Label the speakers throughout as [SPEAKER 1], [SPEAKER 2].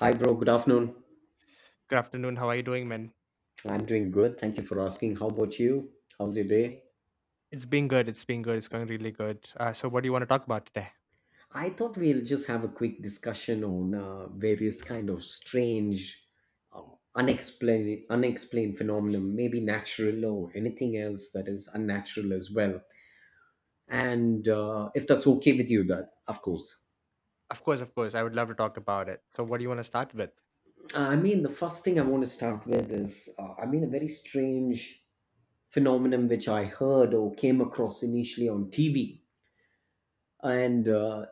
[SPEAKER 1] Hi, bro. Good afternoon.
[SPEAKER 2] Good afternoon. How are you doing, man?
[SPEAKER 1] I'm doing good. Thank you for asking. How about you? How's your day?
[SPEAKER 2] It's been good. It's been good. It's going really good. So, what do you want to talk about today?
[SPEAKER 1] I thought we'll just have a quick discussion on various kind of strange, uh, unexplained phenomenon, maybe natural or anything else that is unnatural as well. And if that's okay with you, that of course.
[SPEAKER 2] Of course, of course. I would love to talk about it. So, what do you want to start with?
[SPEAKER 1] I mean, the first thing I want to start with is, I mean, a very strange phenomenon which I heard or came across initially on TV and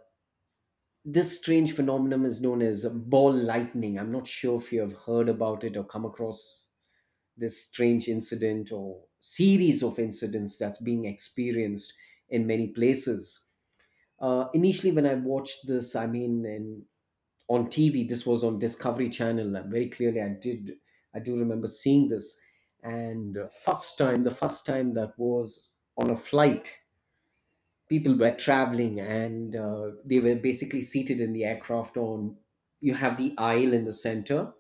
[SPEAKER 1] this strange phenomenon is known as ball lightning. I'm not sure if you have heard about it or come across this strange incident or series of incidents that's being experienced in many places. Initially, when I watched this, I mean, on TV, this was on Discovery Channel. And very clearly, I do remember seeing this. And first time, the first time that was on a flight, people were traveling and they were basically seated in the aircraft, on you have the aisle in the center,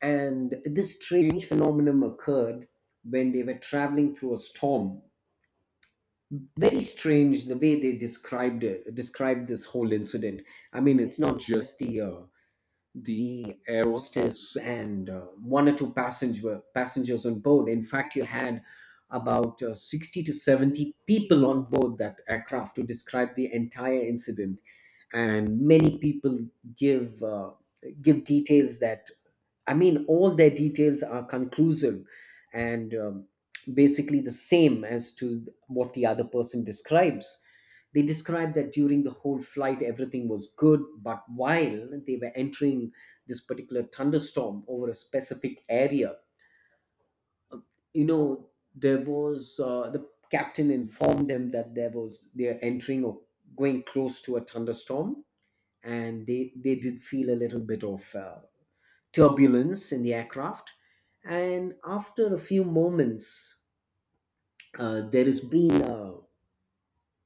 [SPEAKER 1] and this strange phenomenon occurred when they were traveling through a storm. Very strange the way they described this whole incident. I mean, it's not just the aerostess and one or two passengers on board. In fact, you had about 60 to 70 people on board that aircraft to describe the entire incident, and many people give uh, give details that, I mean, all their details are conclusive and basically the same as to what the other person describes. They describe that during the whole flight, everything was good, but while they were entering this particular thunderstorm over a specific area, you know, there was, the captain informed them that there was they're entering or going close to a thunderstorm, and they did feel a little bit of turbulence in the aircraft. And after a few moments, there has been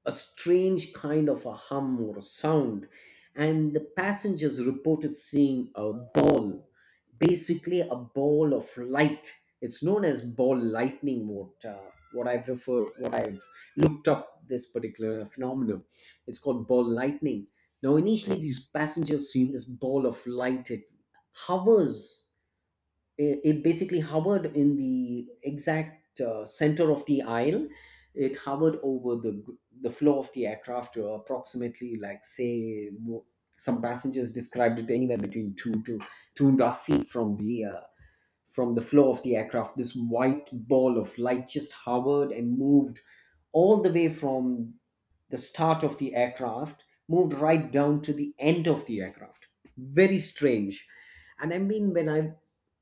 [SPEAKER 1] a strange kind of a hum or a sound, and the passengers reported seeing a ball, basically a ball of light. It's known as ball lightning. What I've referred, what I've looked up, this particular phenomenon, it's called ball lightning. Now, initially, these passengers seen this ball of light. Hovers it basically hovered in the exact center of the aisle. It hovered over the floor of the aircraft to approximately, like say some passengers described it anywhere between 2 to 2.5 feet from the floor of the aircraft. This white ball of light just hovered and moved all the way from the start of the aircraft, moved right down to the end of the aircraft. Very strange. And I mean, when I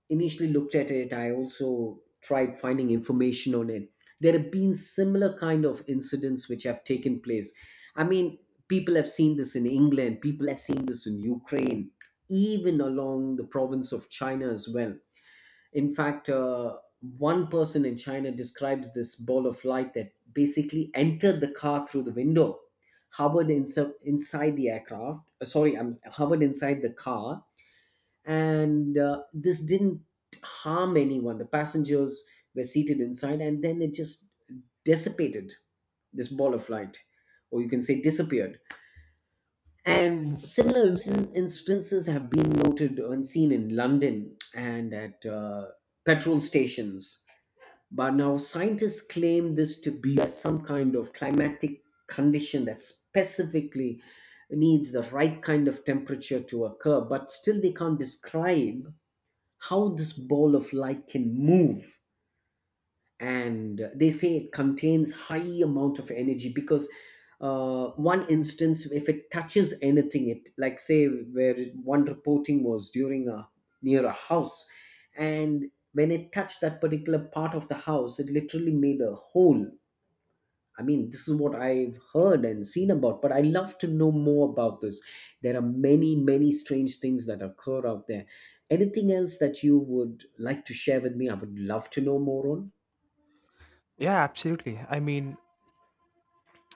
[SPEAKER 1] initially looked at it, I also tried finding information on it. There have been similar kind of incidents which have taken place. I mean, people have seen this in England, people have seen this in Ukraine, even along the province of China as well. In fact, one person in China describes this ball of light that basically entered the car through the window, inside the aircraft. Sorry, I'm hovered inside the car, and this didn't harm anyone. The passengers were seated inside, and then it just dissipated. This ball of light, or you can say, disappeared. And similar instances have been noted and seen in London and at petrol stations. But now scientists claim this to be some kind of climatic condition that specifically needs the right kind of temperature to occur, but still they can't describe how this ball of light can move, and they say it contains high amount of energy, because one instance if it touches anything, it like say one reporting was during a near a house, and when it touched that particular part of the house, it literally made a hole. I mean, this is what I've heard and seen about, but I love to know more about this. There are many, many strange things that occur out there. Anything else that you would like to share with me? I would love to know more on.
[SPEAKER 2] Yeah, absolutely. I mean,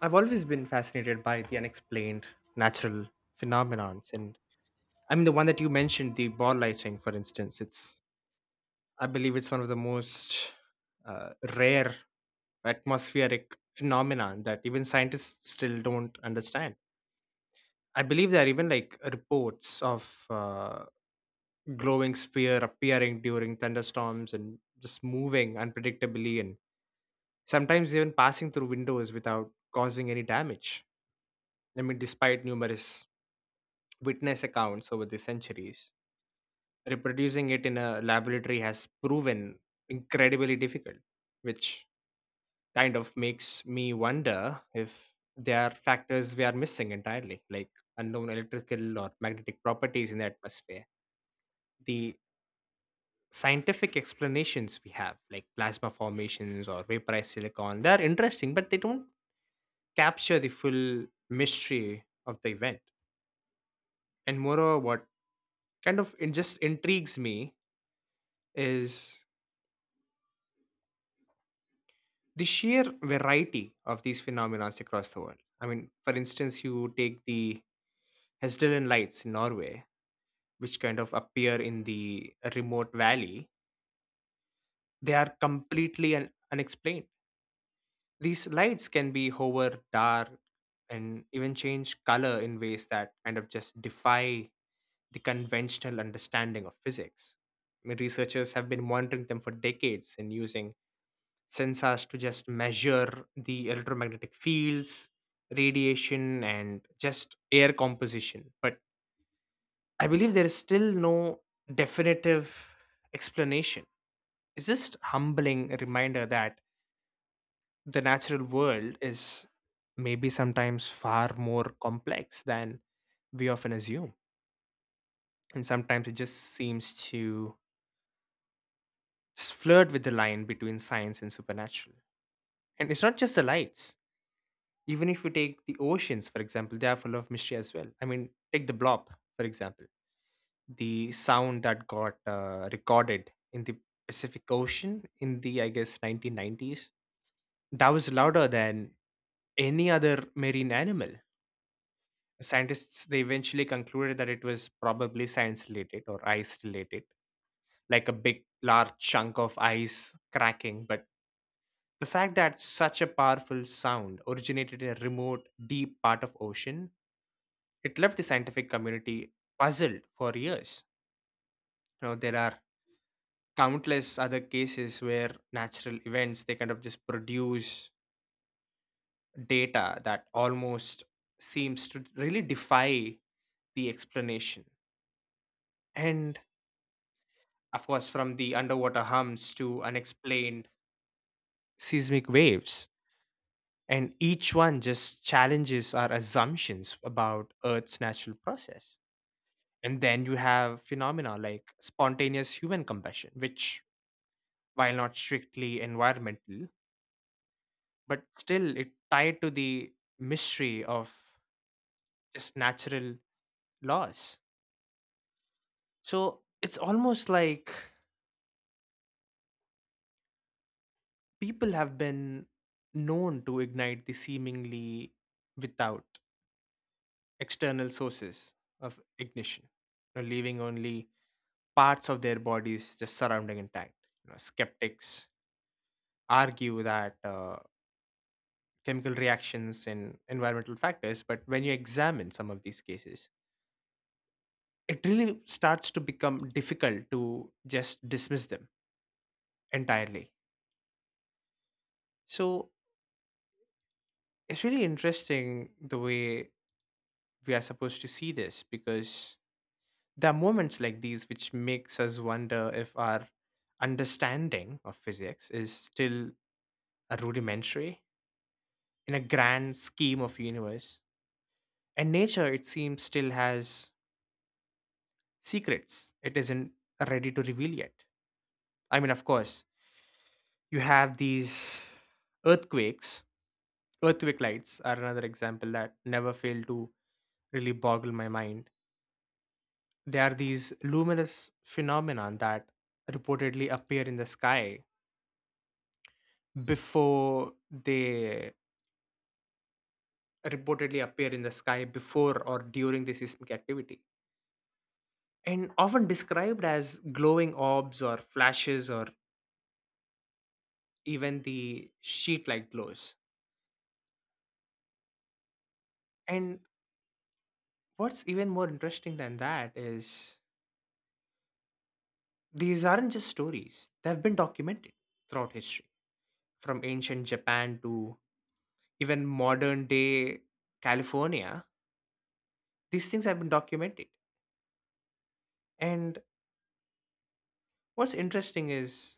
[SPEAKER 2] I've always been fascinated by the unexplained natural phenomenons. And I mean, the one that you mentioned, the ball lightning, for instance, I believe it's one of the most rare atmospheric phenomenon that even scientists still don't understand. I believe there are even like reports of glowing sphere appearing during thunderstorms and just moving unpredictably, and sometimes even passing through windows without causing any damage. I mean, despite numerous witness accounts over the centuries, reproducing it in a laboratory has proven incredibly difficult, which kind of makes me wonder if there are factors we are missing entirely, like unknown electrical or magnetic properties in the atmosphere. The scientific explanations we have, like plasma formations or vaporized silicon, they are interesting, but they don't capture the full mystery of the event. And moreover, what kind of it just intrigues me is the sheer variety of these phenomena across the world. I mean, for instance, you take the Hestdalen lights in Norway, which kind of appear in the remote valley, they are completely unexplained. These lights can be hover, dark, and even change color in ways that kind of just defy the conventional understanding of physics. I mean, researchers have been monitoring them for decades and using sensors to just measure the electromagnetic fields, radiation, and just air composition. But I believe there is still no definitive explanation. It's just humbling reminder that the natural world is maybe sometimes far more complex than we often assume. And sometimes it just seems to flirt with the line between science and supernatural. And it's not just the lights. Even if you take the oceans, for example, they are full of mystery as well. I mean, take the blob, for example, the sound that got recorded in the Pacific Ocean in the, I guess, 1990s. That was louder than any other marine animal. Scientists they eventually concluded that it was probably science related or ice related, like a big large chunk of ice cracking. But the fact that such a powerful sound originated in a remote, deep part of ocean, it left the scientific community puzzled for years. You know, there are countless other cases where natural events they kind of just produce data that almost seems to really defy the explanation, and of course, from the underwater hums to unexplained seismic waves. And each one just challenges our assumptions about Earth's natural process. And then you have phenomena like spontaneous human combustion, which, while not strictly environmental, but still it tied to the mystery of just natural laws. So it's almost like people have been known to ignite the seemingly without external sources of ignition, you know, leaving only parts of their bodies just surrounding intact. You know, skeptics argue that chemical reactions and environmental factors, but when you examine some of these cases, it really starts to become difficult to just dismiss them entirely. So it's really interesting the way we are supposed to see this, because there are moments like these which makes us wonder if our understanding of physics is still a rudimentary in a grand scheme of universe, and nature it seems still has secrets it isn't ready to reveal yet. I mean, of course, you have these earthquakes. Earthquake lights are another example that never fail to really boggle my mind. They are these luminous phenomenon that reportedly appear in the sky before they reportedly appear in the sky before or during the seismic activity, and often described as glowing orbs or flashes or even the sheet like glows. And what's even more interesting than that is these aren't just stories. They've been documented throughout history, from ancient Japan to even modern day California. These things have been documented. And what's interesting is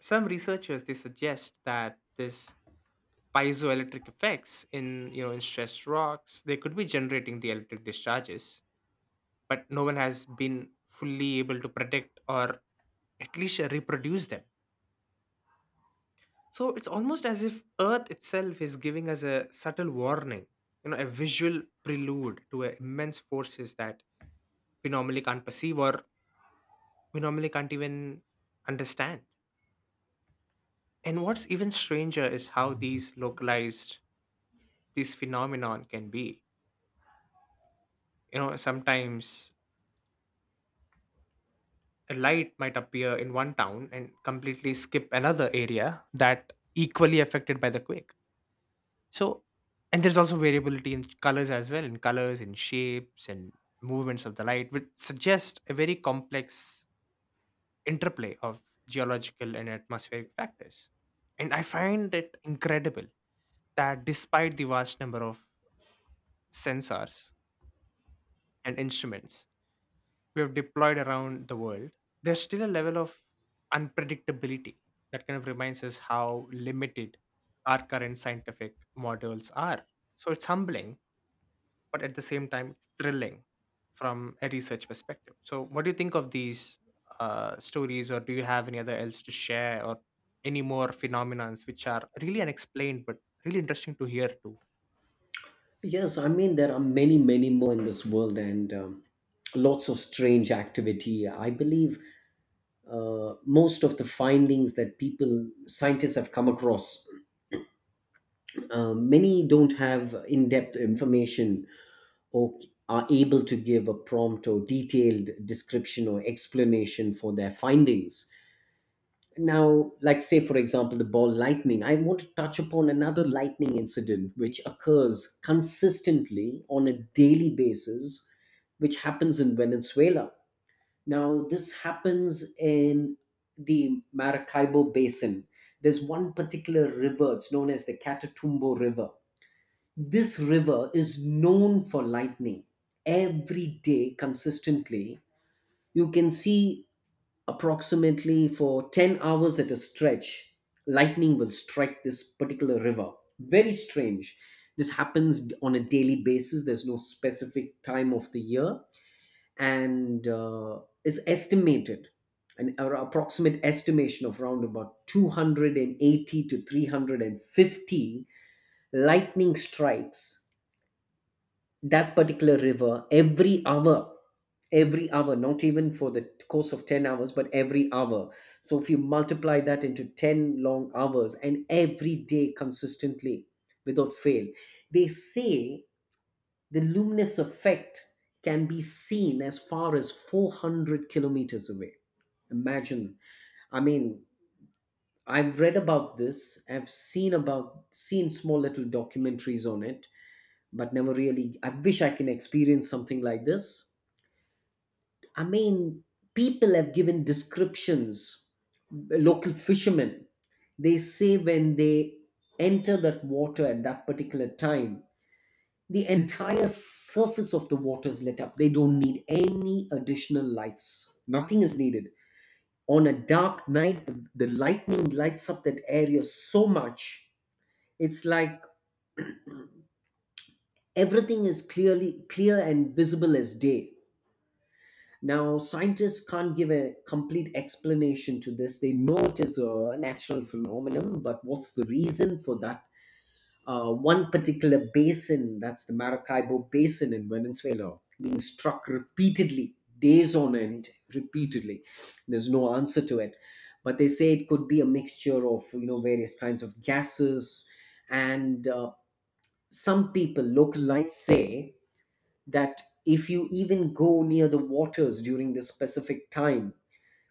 [SPEAKER 2] some researchers they suggest that this piezoelectric effects in, you know, in stressed rocks they could be generating the electric discharges, but no one has been fully able to predict or at least reproduce them. So it's almost as if Earth itself is giving us a subtle warning, you know, a visual prelude to a immense forces that we normally can't perceive or we normally can't even understand. And what's even stranger is how these localized these phenomenon can be. You know, sometimes a light might appear in one town and completely skip another area that equally affected by the quake. So, and there's also variability in colors as well, in colors, in shapes, and movements of the light, which suggest a very complex interplay of geological and atmospheric factors. And I find it incredible that despite the vast number of sensors and instruments we have deployed around the world, there's still a level of unpredictability that kind of reminds us how limited our current scientific models are. So it's humbling, but at the same time, it's thrilling from a research perspective. So, what do you think of these stories, or do you have any other else to share, or any more phenomenons which are really unexplained but really interesting to hear too?
[SPEAKER 1] Yes, I mean, there are many, many more in this world, and lots of strange activity. I believe most of the findings that people, scientists have come across, many don't have in depth information, or are able to give a prompt or detailed description or explanation for their findings. Now, like say for example, the ball lightning, I want to touch upon another lightning incident which occurs consistently on a daily basis, which happens in Venezuela. Now, this happens in the Maracaibo Basin. There's one particular river, it's known as the Catatumbo River. This river is known for lightning every day consistently. You can see approximately for 10 hours at a stretch lightning will strike this particular river. Very strange, this happens on a daily basis. There's no specific time of the year, and is estimated, approximate estimation of around about 280 to 350 lightning strikes that particular river every hour. Every hour, not even for the course of 10 hours, but every hour. So if you multiply that into 10 long hours, and every day consistently without fail, they say the luminous effect can be seen as far as 400 kilometers away. Imagine. I mean, I've read about this, I've seen small little documentaries on it, but never really. I wish I can experience something like this. I mean, people have given descriptions. Local fishermen, they say when they enter that water at that particular time, the entire surface of the water is lit up. They don't need any additional lights, nothing is needed. On a dark night, the lightning lights up that area so much. It's like everything is clear and visible as day. Now, scientists can't give a complete explanation to this. They know it is a natural phenomenon, but what's the reason for that? One particular basin, that's the Maracaibo Basin in Venezuela, being struck repeatedly, days on end, repeatedly. There's no answer to it. But they say it could be a mixture of, you know, various kinds of gases, and some people, local lights say that if you even go near the waters during this specific time,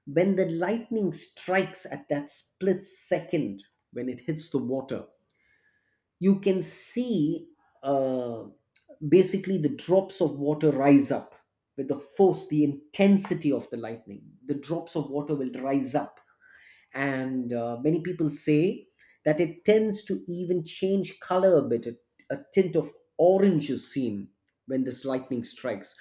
[SPEAKER 1] when the lightning strikes, at that split second when it hits the water, you can see uh, basically the drops of water rise up with the force, the intensity of the lightning. The drops of water will rise up, and many people say that it tends to even change color a bit. A tint of orange is seen when this lightning strikes.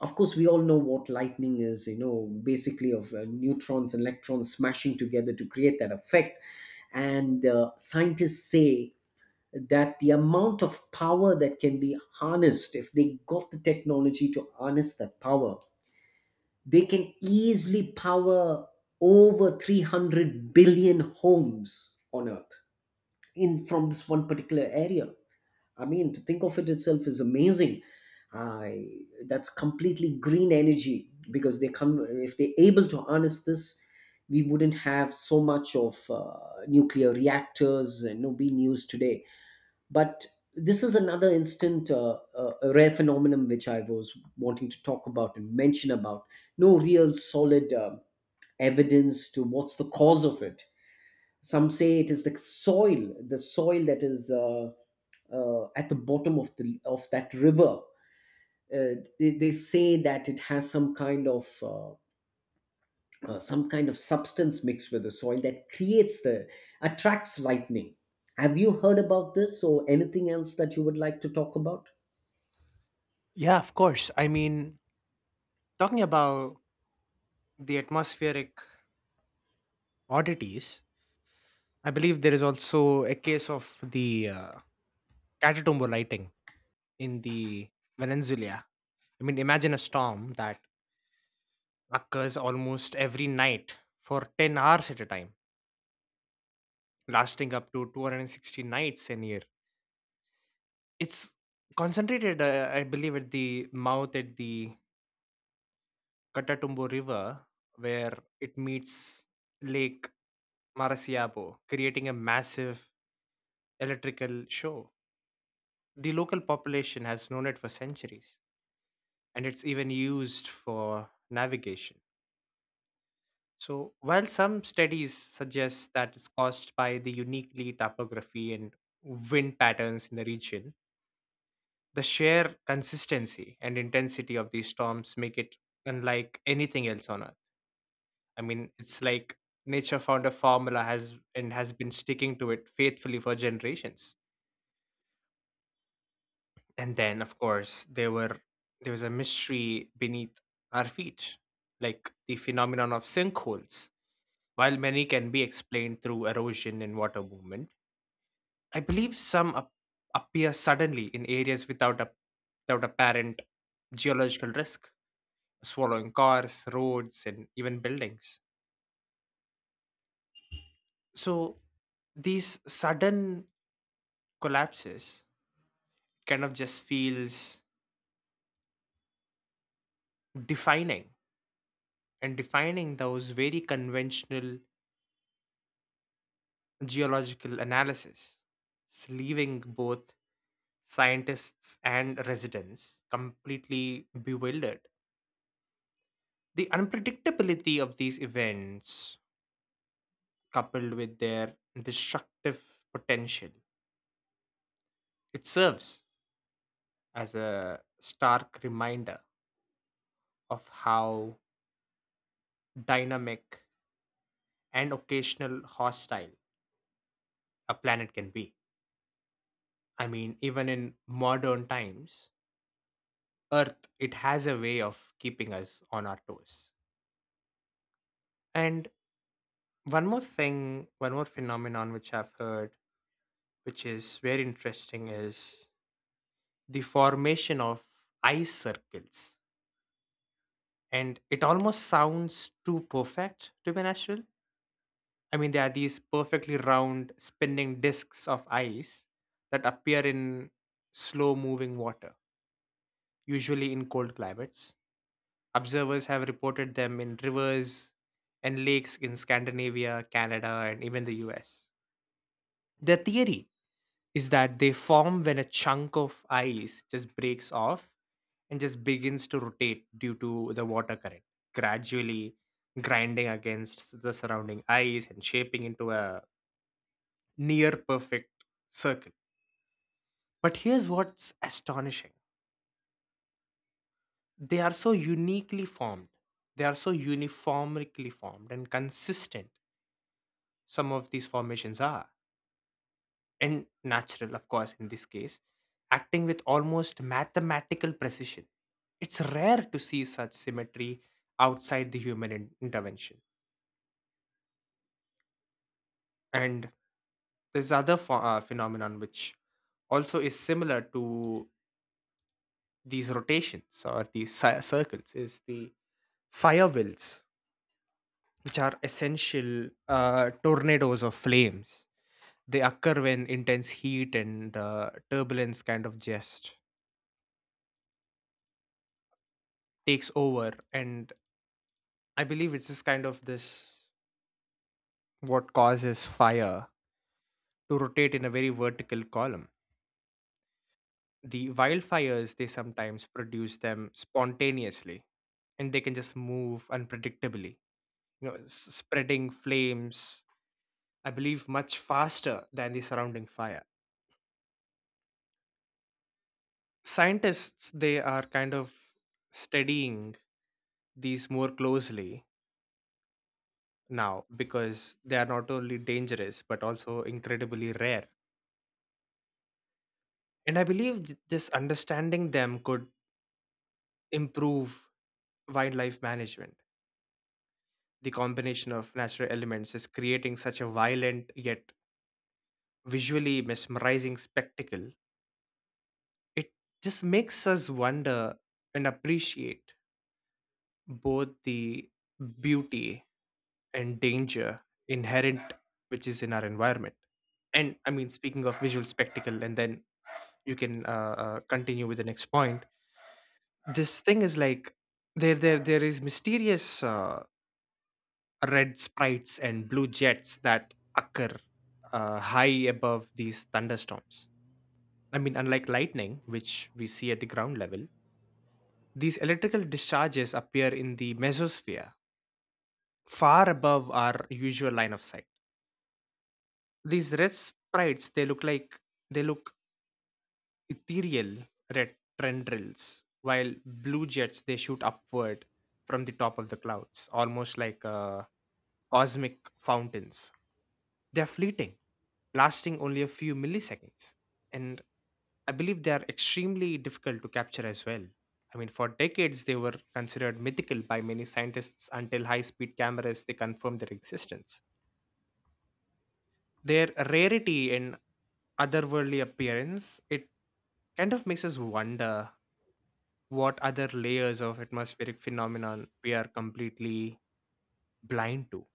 [SPEAKER 1] Of course, we all know what lightning is. You know, basically of neutrons and electrons smashing together to create that effect. And scientists say that the amount of power that can be harnessed, if they got the technology to harness that power, they can easily power over 300 billion homes on earth, in from this one particular area. I mean, to think of it itself is amazing. I that's completely green energy, because they come, if they're able to harness this, we wouldn't have so much of nuclear reactors and you being used today. But this is another instant, a rare phenomenon which I was wanting to talk about and mention about. No real solid evidence to what's the cause of it. Some say it is the soil, the soil that is at the bottom of the of that river. They say that it has some kind of substance mixed with the soil that creates the attracts lightning. Have you heard about this, or anything else that you would like to talk about?
[SPEAKER 2] Yeah, of course. I mean, talking about the atmospheric oddities, I believe there is also a case of the Catatumbo lighting in the Venezuela. I mean, imagine a storm that occurs almost every night for 10 hours at a time, lasting up to 260 nights in a year. It's concentrated, I believe, at the mouth at the Catatumbo River, where it meets Lake Marasiabo, creating a massive electrical show. The local population has known it for centuries, and it's even used for navigation. So, while some studies suggest that it's caused by the uniquely topography and wind patterns in the region, the sheer consistency and intensity of these storms make it unlike anything else on Earth. I mean, it's like nature found a formula has and has been sticking to it faithfully for generations. And then, of course, there was a mystery beneath our feet, like the phenomenon of sinkholes. While many can be explained through erosion and water movement, I believe some appear suddenly in areas without apparent geological risk, swallowing cars, roads, and even buildings. So these sudden collapses kind of just feels defining defining those very conventional geological analysis. It's leaving both scientists and residents completely bewildered. The unpredictability of these events, coupled with their destructive potential, it serves as a stark reminder of how dynamic and occasional hostile a planet can be. I mean, even in modern times, Earth it has a way of keeping us on our toes. And one more thing, one more phenomenon which I've heard, which is very interesting, is the formation of ice circles. And it almost sounds too perfect to be natural. I mean, there are these perfectly round spinning discs of ice that appear in slow moving water, usually in cold climates. Observers have reported them in rivers and lakes in Scandinavia, Canada, and even the US. Their theory is that they form when a chunk of ice just breaks off and just begins to rotate due to the water current, gradually grinding against the surrounding ice and shaping into a near perfect circle. But here's what's astonishing: they are so uniquely formed, they are so uniformly formed and consistent, some of these formations are. And natural, of course, in this case, acting with almost mathematical precision. It's rare to see such symmetry outside the human intervention. And there's other phenomenon which also is similar to these rotations or these circles is the fire wheels, which are essential tornadoes of flames. They occur when intense heat and turbulence kind of just takes over, and I believe it's just kind of this what causes fire to rotate in a very vertical column. The wildfires, they sometimes produce them spontaneously and they can just move unpredictably, you know, spreading flames, I believe, much faster than the surrounding fire. Scientists, they are kind of studying these more closely now because they are not only dangerous but also incredibly rare. And I believe this understanding them could improve wildlife management. The combination of natural elements is creating such a violent yet visually mesmerizing spectacle. It just makes us wonder and appreciate both the beauty and danger inherent which is in our environment. And I mean, speaking of visual spectacle, and then you can continue with the next point. This thing is like there is mysterious red sprites and blue jets that occur high above these thunderstorms. I mean, unlike lightning which we see at the ground level, these electrical discharges appear in the mesosphere, far above our usual line of sight. These red sprites they look ethereal red tendrils, while blue jets they shoot upward from the top of the clouds, almost like cosmic fountains. They are fleeting, lasting only a few milliseconds, and I believe they are extremely difficult to capture as well. I mean, for decades they were considered mythical by many scientists until high-speed cameras they confirmed their existence. Their rarity and otherworldly appearance it kind of makes us wonder what other layers of atmospheric phenomenon we are completely blind to.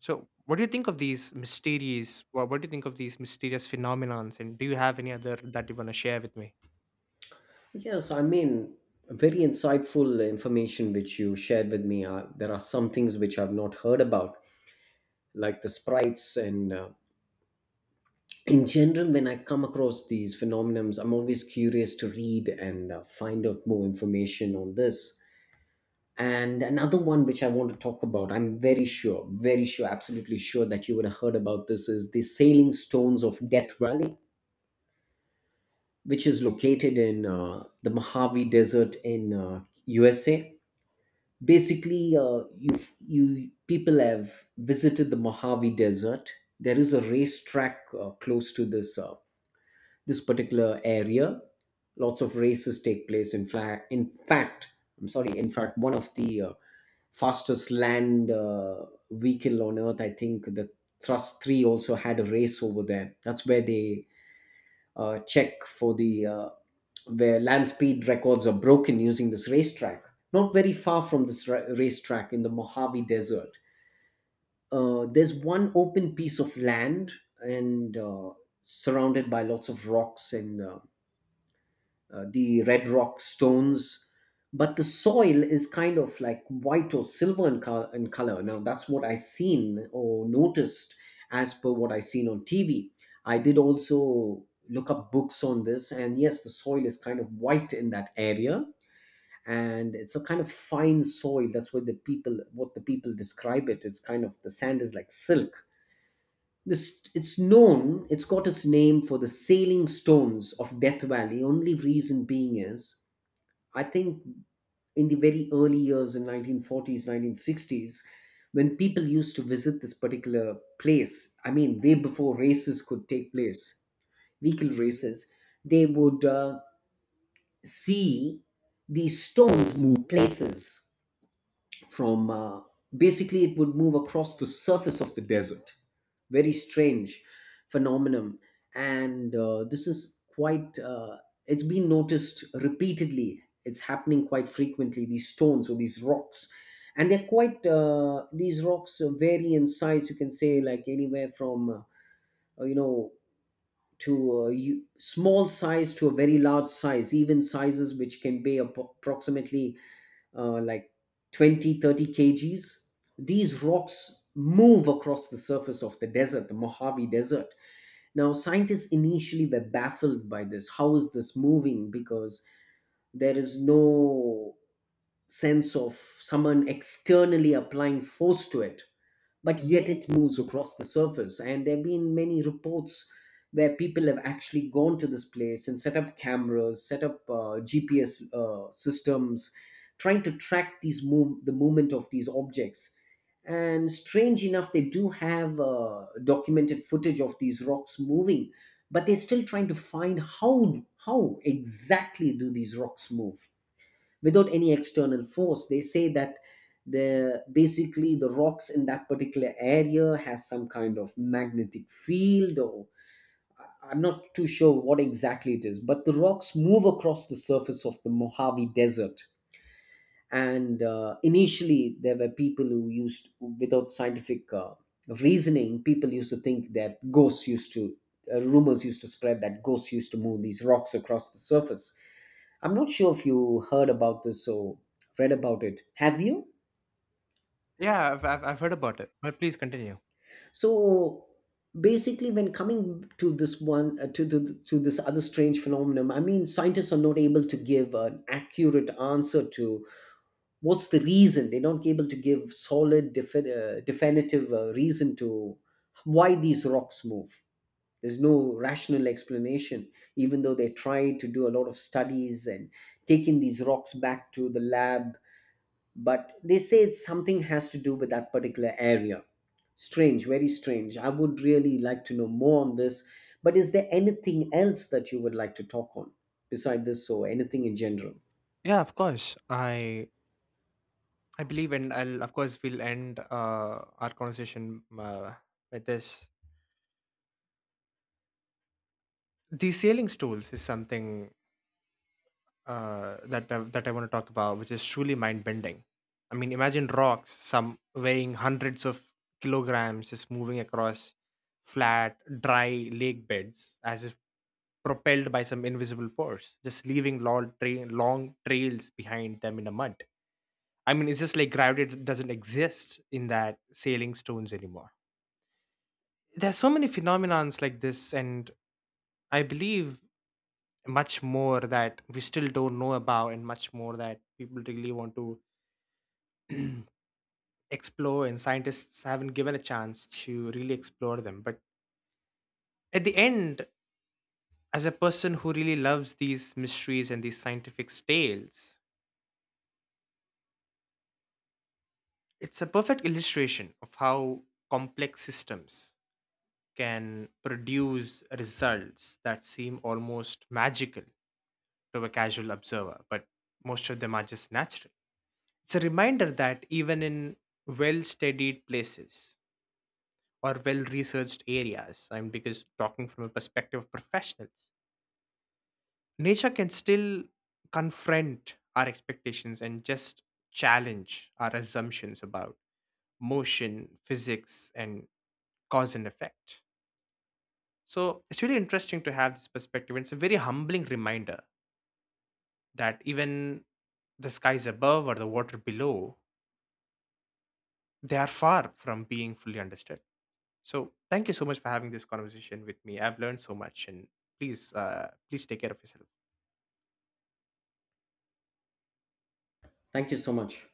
[SPEAKER 2] So what do you think of these mysterious what do you think of these mysterious phenomenons, and do you have any other that you want to share with me?
[SPEAKER 1] Yes, I mean, very insightful information which you shared with me. There are some things which I've not heard about, like the sprites. And in general, when I come across these phenomenons, I'm always curious to read and find out more information on this. And another one which I want to talk about, I'm very sure, absolutely sure that you would have heard about this, is the Sailing Stones of Death Valley, which is located in the Mojave Desert in USA. Basically you, you people have visited the Mojave Desert. There is a racetrack close to this this particular area. Lots of races take place. In fact, I'm sorry. In fact, one of the fastest land vehicle on Earth, I think, the Thrust Three also had a race over there. That's where they check for the where land speed records are broken using this racetrack. Not very far from racetrack in the Mojave Desert, There's one open piece of land and surrounded by lots of rocks and the red rock stones, but the soil is kind of like white or silver in color. Now, that's what I seen or noticed as per what I seen on TV. I did also look up books on this, and yes, the soil is kind of white in that area. And it's a kind of fine soil. That's what what the people describe it. It's kind of the sand is like silk. This It's known. It's got its name for the sailing stones of Death Valley. Only reason being is I think in the very early years in 1940s, 1960s, when people used to visit this particular place, I mean, way before races could take place, vehicle races, they would see these stones move places from basically it would move across the surface of the desert. Very strange phenomenon. And this is quite It's been noticed repeatedly. It's happening quite frequently, these stones or these rocks, and they're quite these rocks vary in size. You can say like anywhere from uh, you know small size to a very large size, even sizes which can be approximately uh, like 20, thirty 30 kgs. These rocks move across the surface of the desert, the Mojave Desert. Now, scientists initially were baffled by this. How is this moving? Because there is no sense of someone externally applying force to it, but yet it moves across the surface. And there have been many reports where people have actually gone to this place and set up cameras, set up GPS systems, trying to track the movement of these objects. And strange enough, they do have documented footage of these rocks moving, but they're still trying to find how exactly do these rocks move without any external force. They say that the basically the rocks in that particular area has some kind of magnetic field, or I'm not too sure what exactly it is, but the rocks move across the surface of the Mojave Desert. And Initially there were people who used without scientific reasoning. People used to think that ghosts used to rumors used to spread that ghosts used to move these rocks across the surface. I'm not sure if you heard about this or read about it, have you?
[SPEAKER 2] Yeah, I've heard about it, but please continue.
[SPEAKER 1] So basically, when coming to this one, to this other strange phenomenon, I mean, scientists are not able to give an accurate answer to what's the reason. They're not able to give solid, definitive reason to why these rocks move. There's no rational explanation, even though they tried to do a lot of studies and taking these rocks back to the lab, but they say it's something has to do with that particular area. Strange, very strange. I would really like to know more on this, but is there anything else that you would like to talk on beside this or anything in general?
[SPEAKER 2] Yeah, of course. I believe, and I'll, of course, we'll end our conversation with this, the sailing stools is something that I want to talk about, which is truly mind bending. I mean, imagine rocks, some weighing hundreds of kilograms, is moving across flat, dry lake beds as if propelled by some invisible force, just leaving long trails behind them in the mud. I mean, it's just like gravity doesn't exist in that sailing stones anymore. There's so many phenomenons like this, and I believe much more that we still don't know about, and much more that people really want to explore and scientists haven't given a chance to really explore them. But at the end, as a person who really loves these mysteries and these scientific tales, it's a perfect illustration of how complex systems can produce results that seem almost magical to a casual observer, but most of them are just natural. It's a reminder that even in well studied places or well researched areas, I'm because talking from a perspective of professionals, nature can still confront our expectations and just challenge our assumptions about motion, physics, and cause and effect. So it's really interesting to have this perspective. It's a very humbling reminder that even the skies above or the water below, they are far from being fully understood. So thank you so much for having this conversation with me. I've learned so much, and please, please take care of yourself.
[SPEAKER 1] Thank you so much.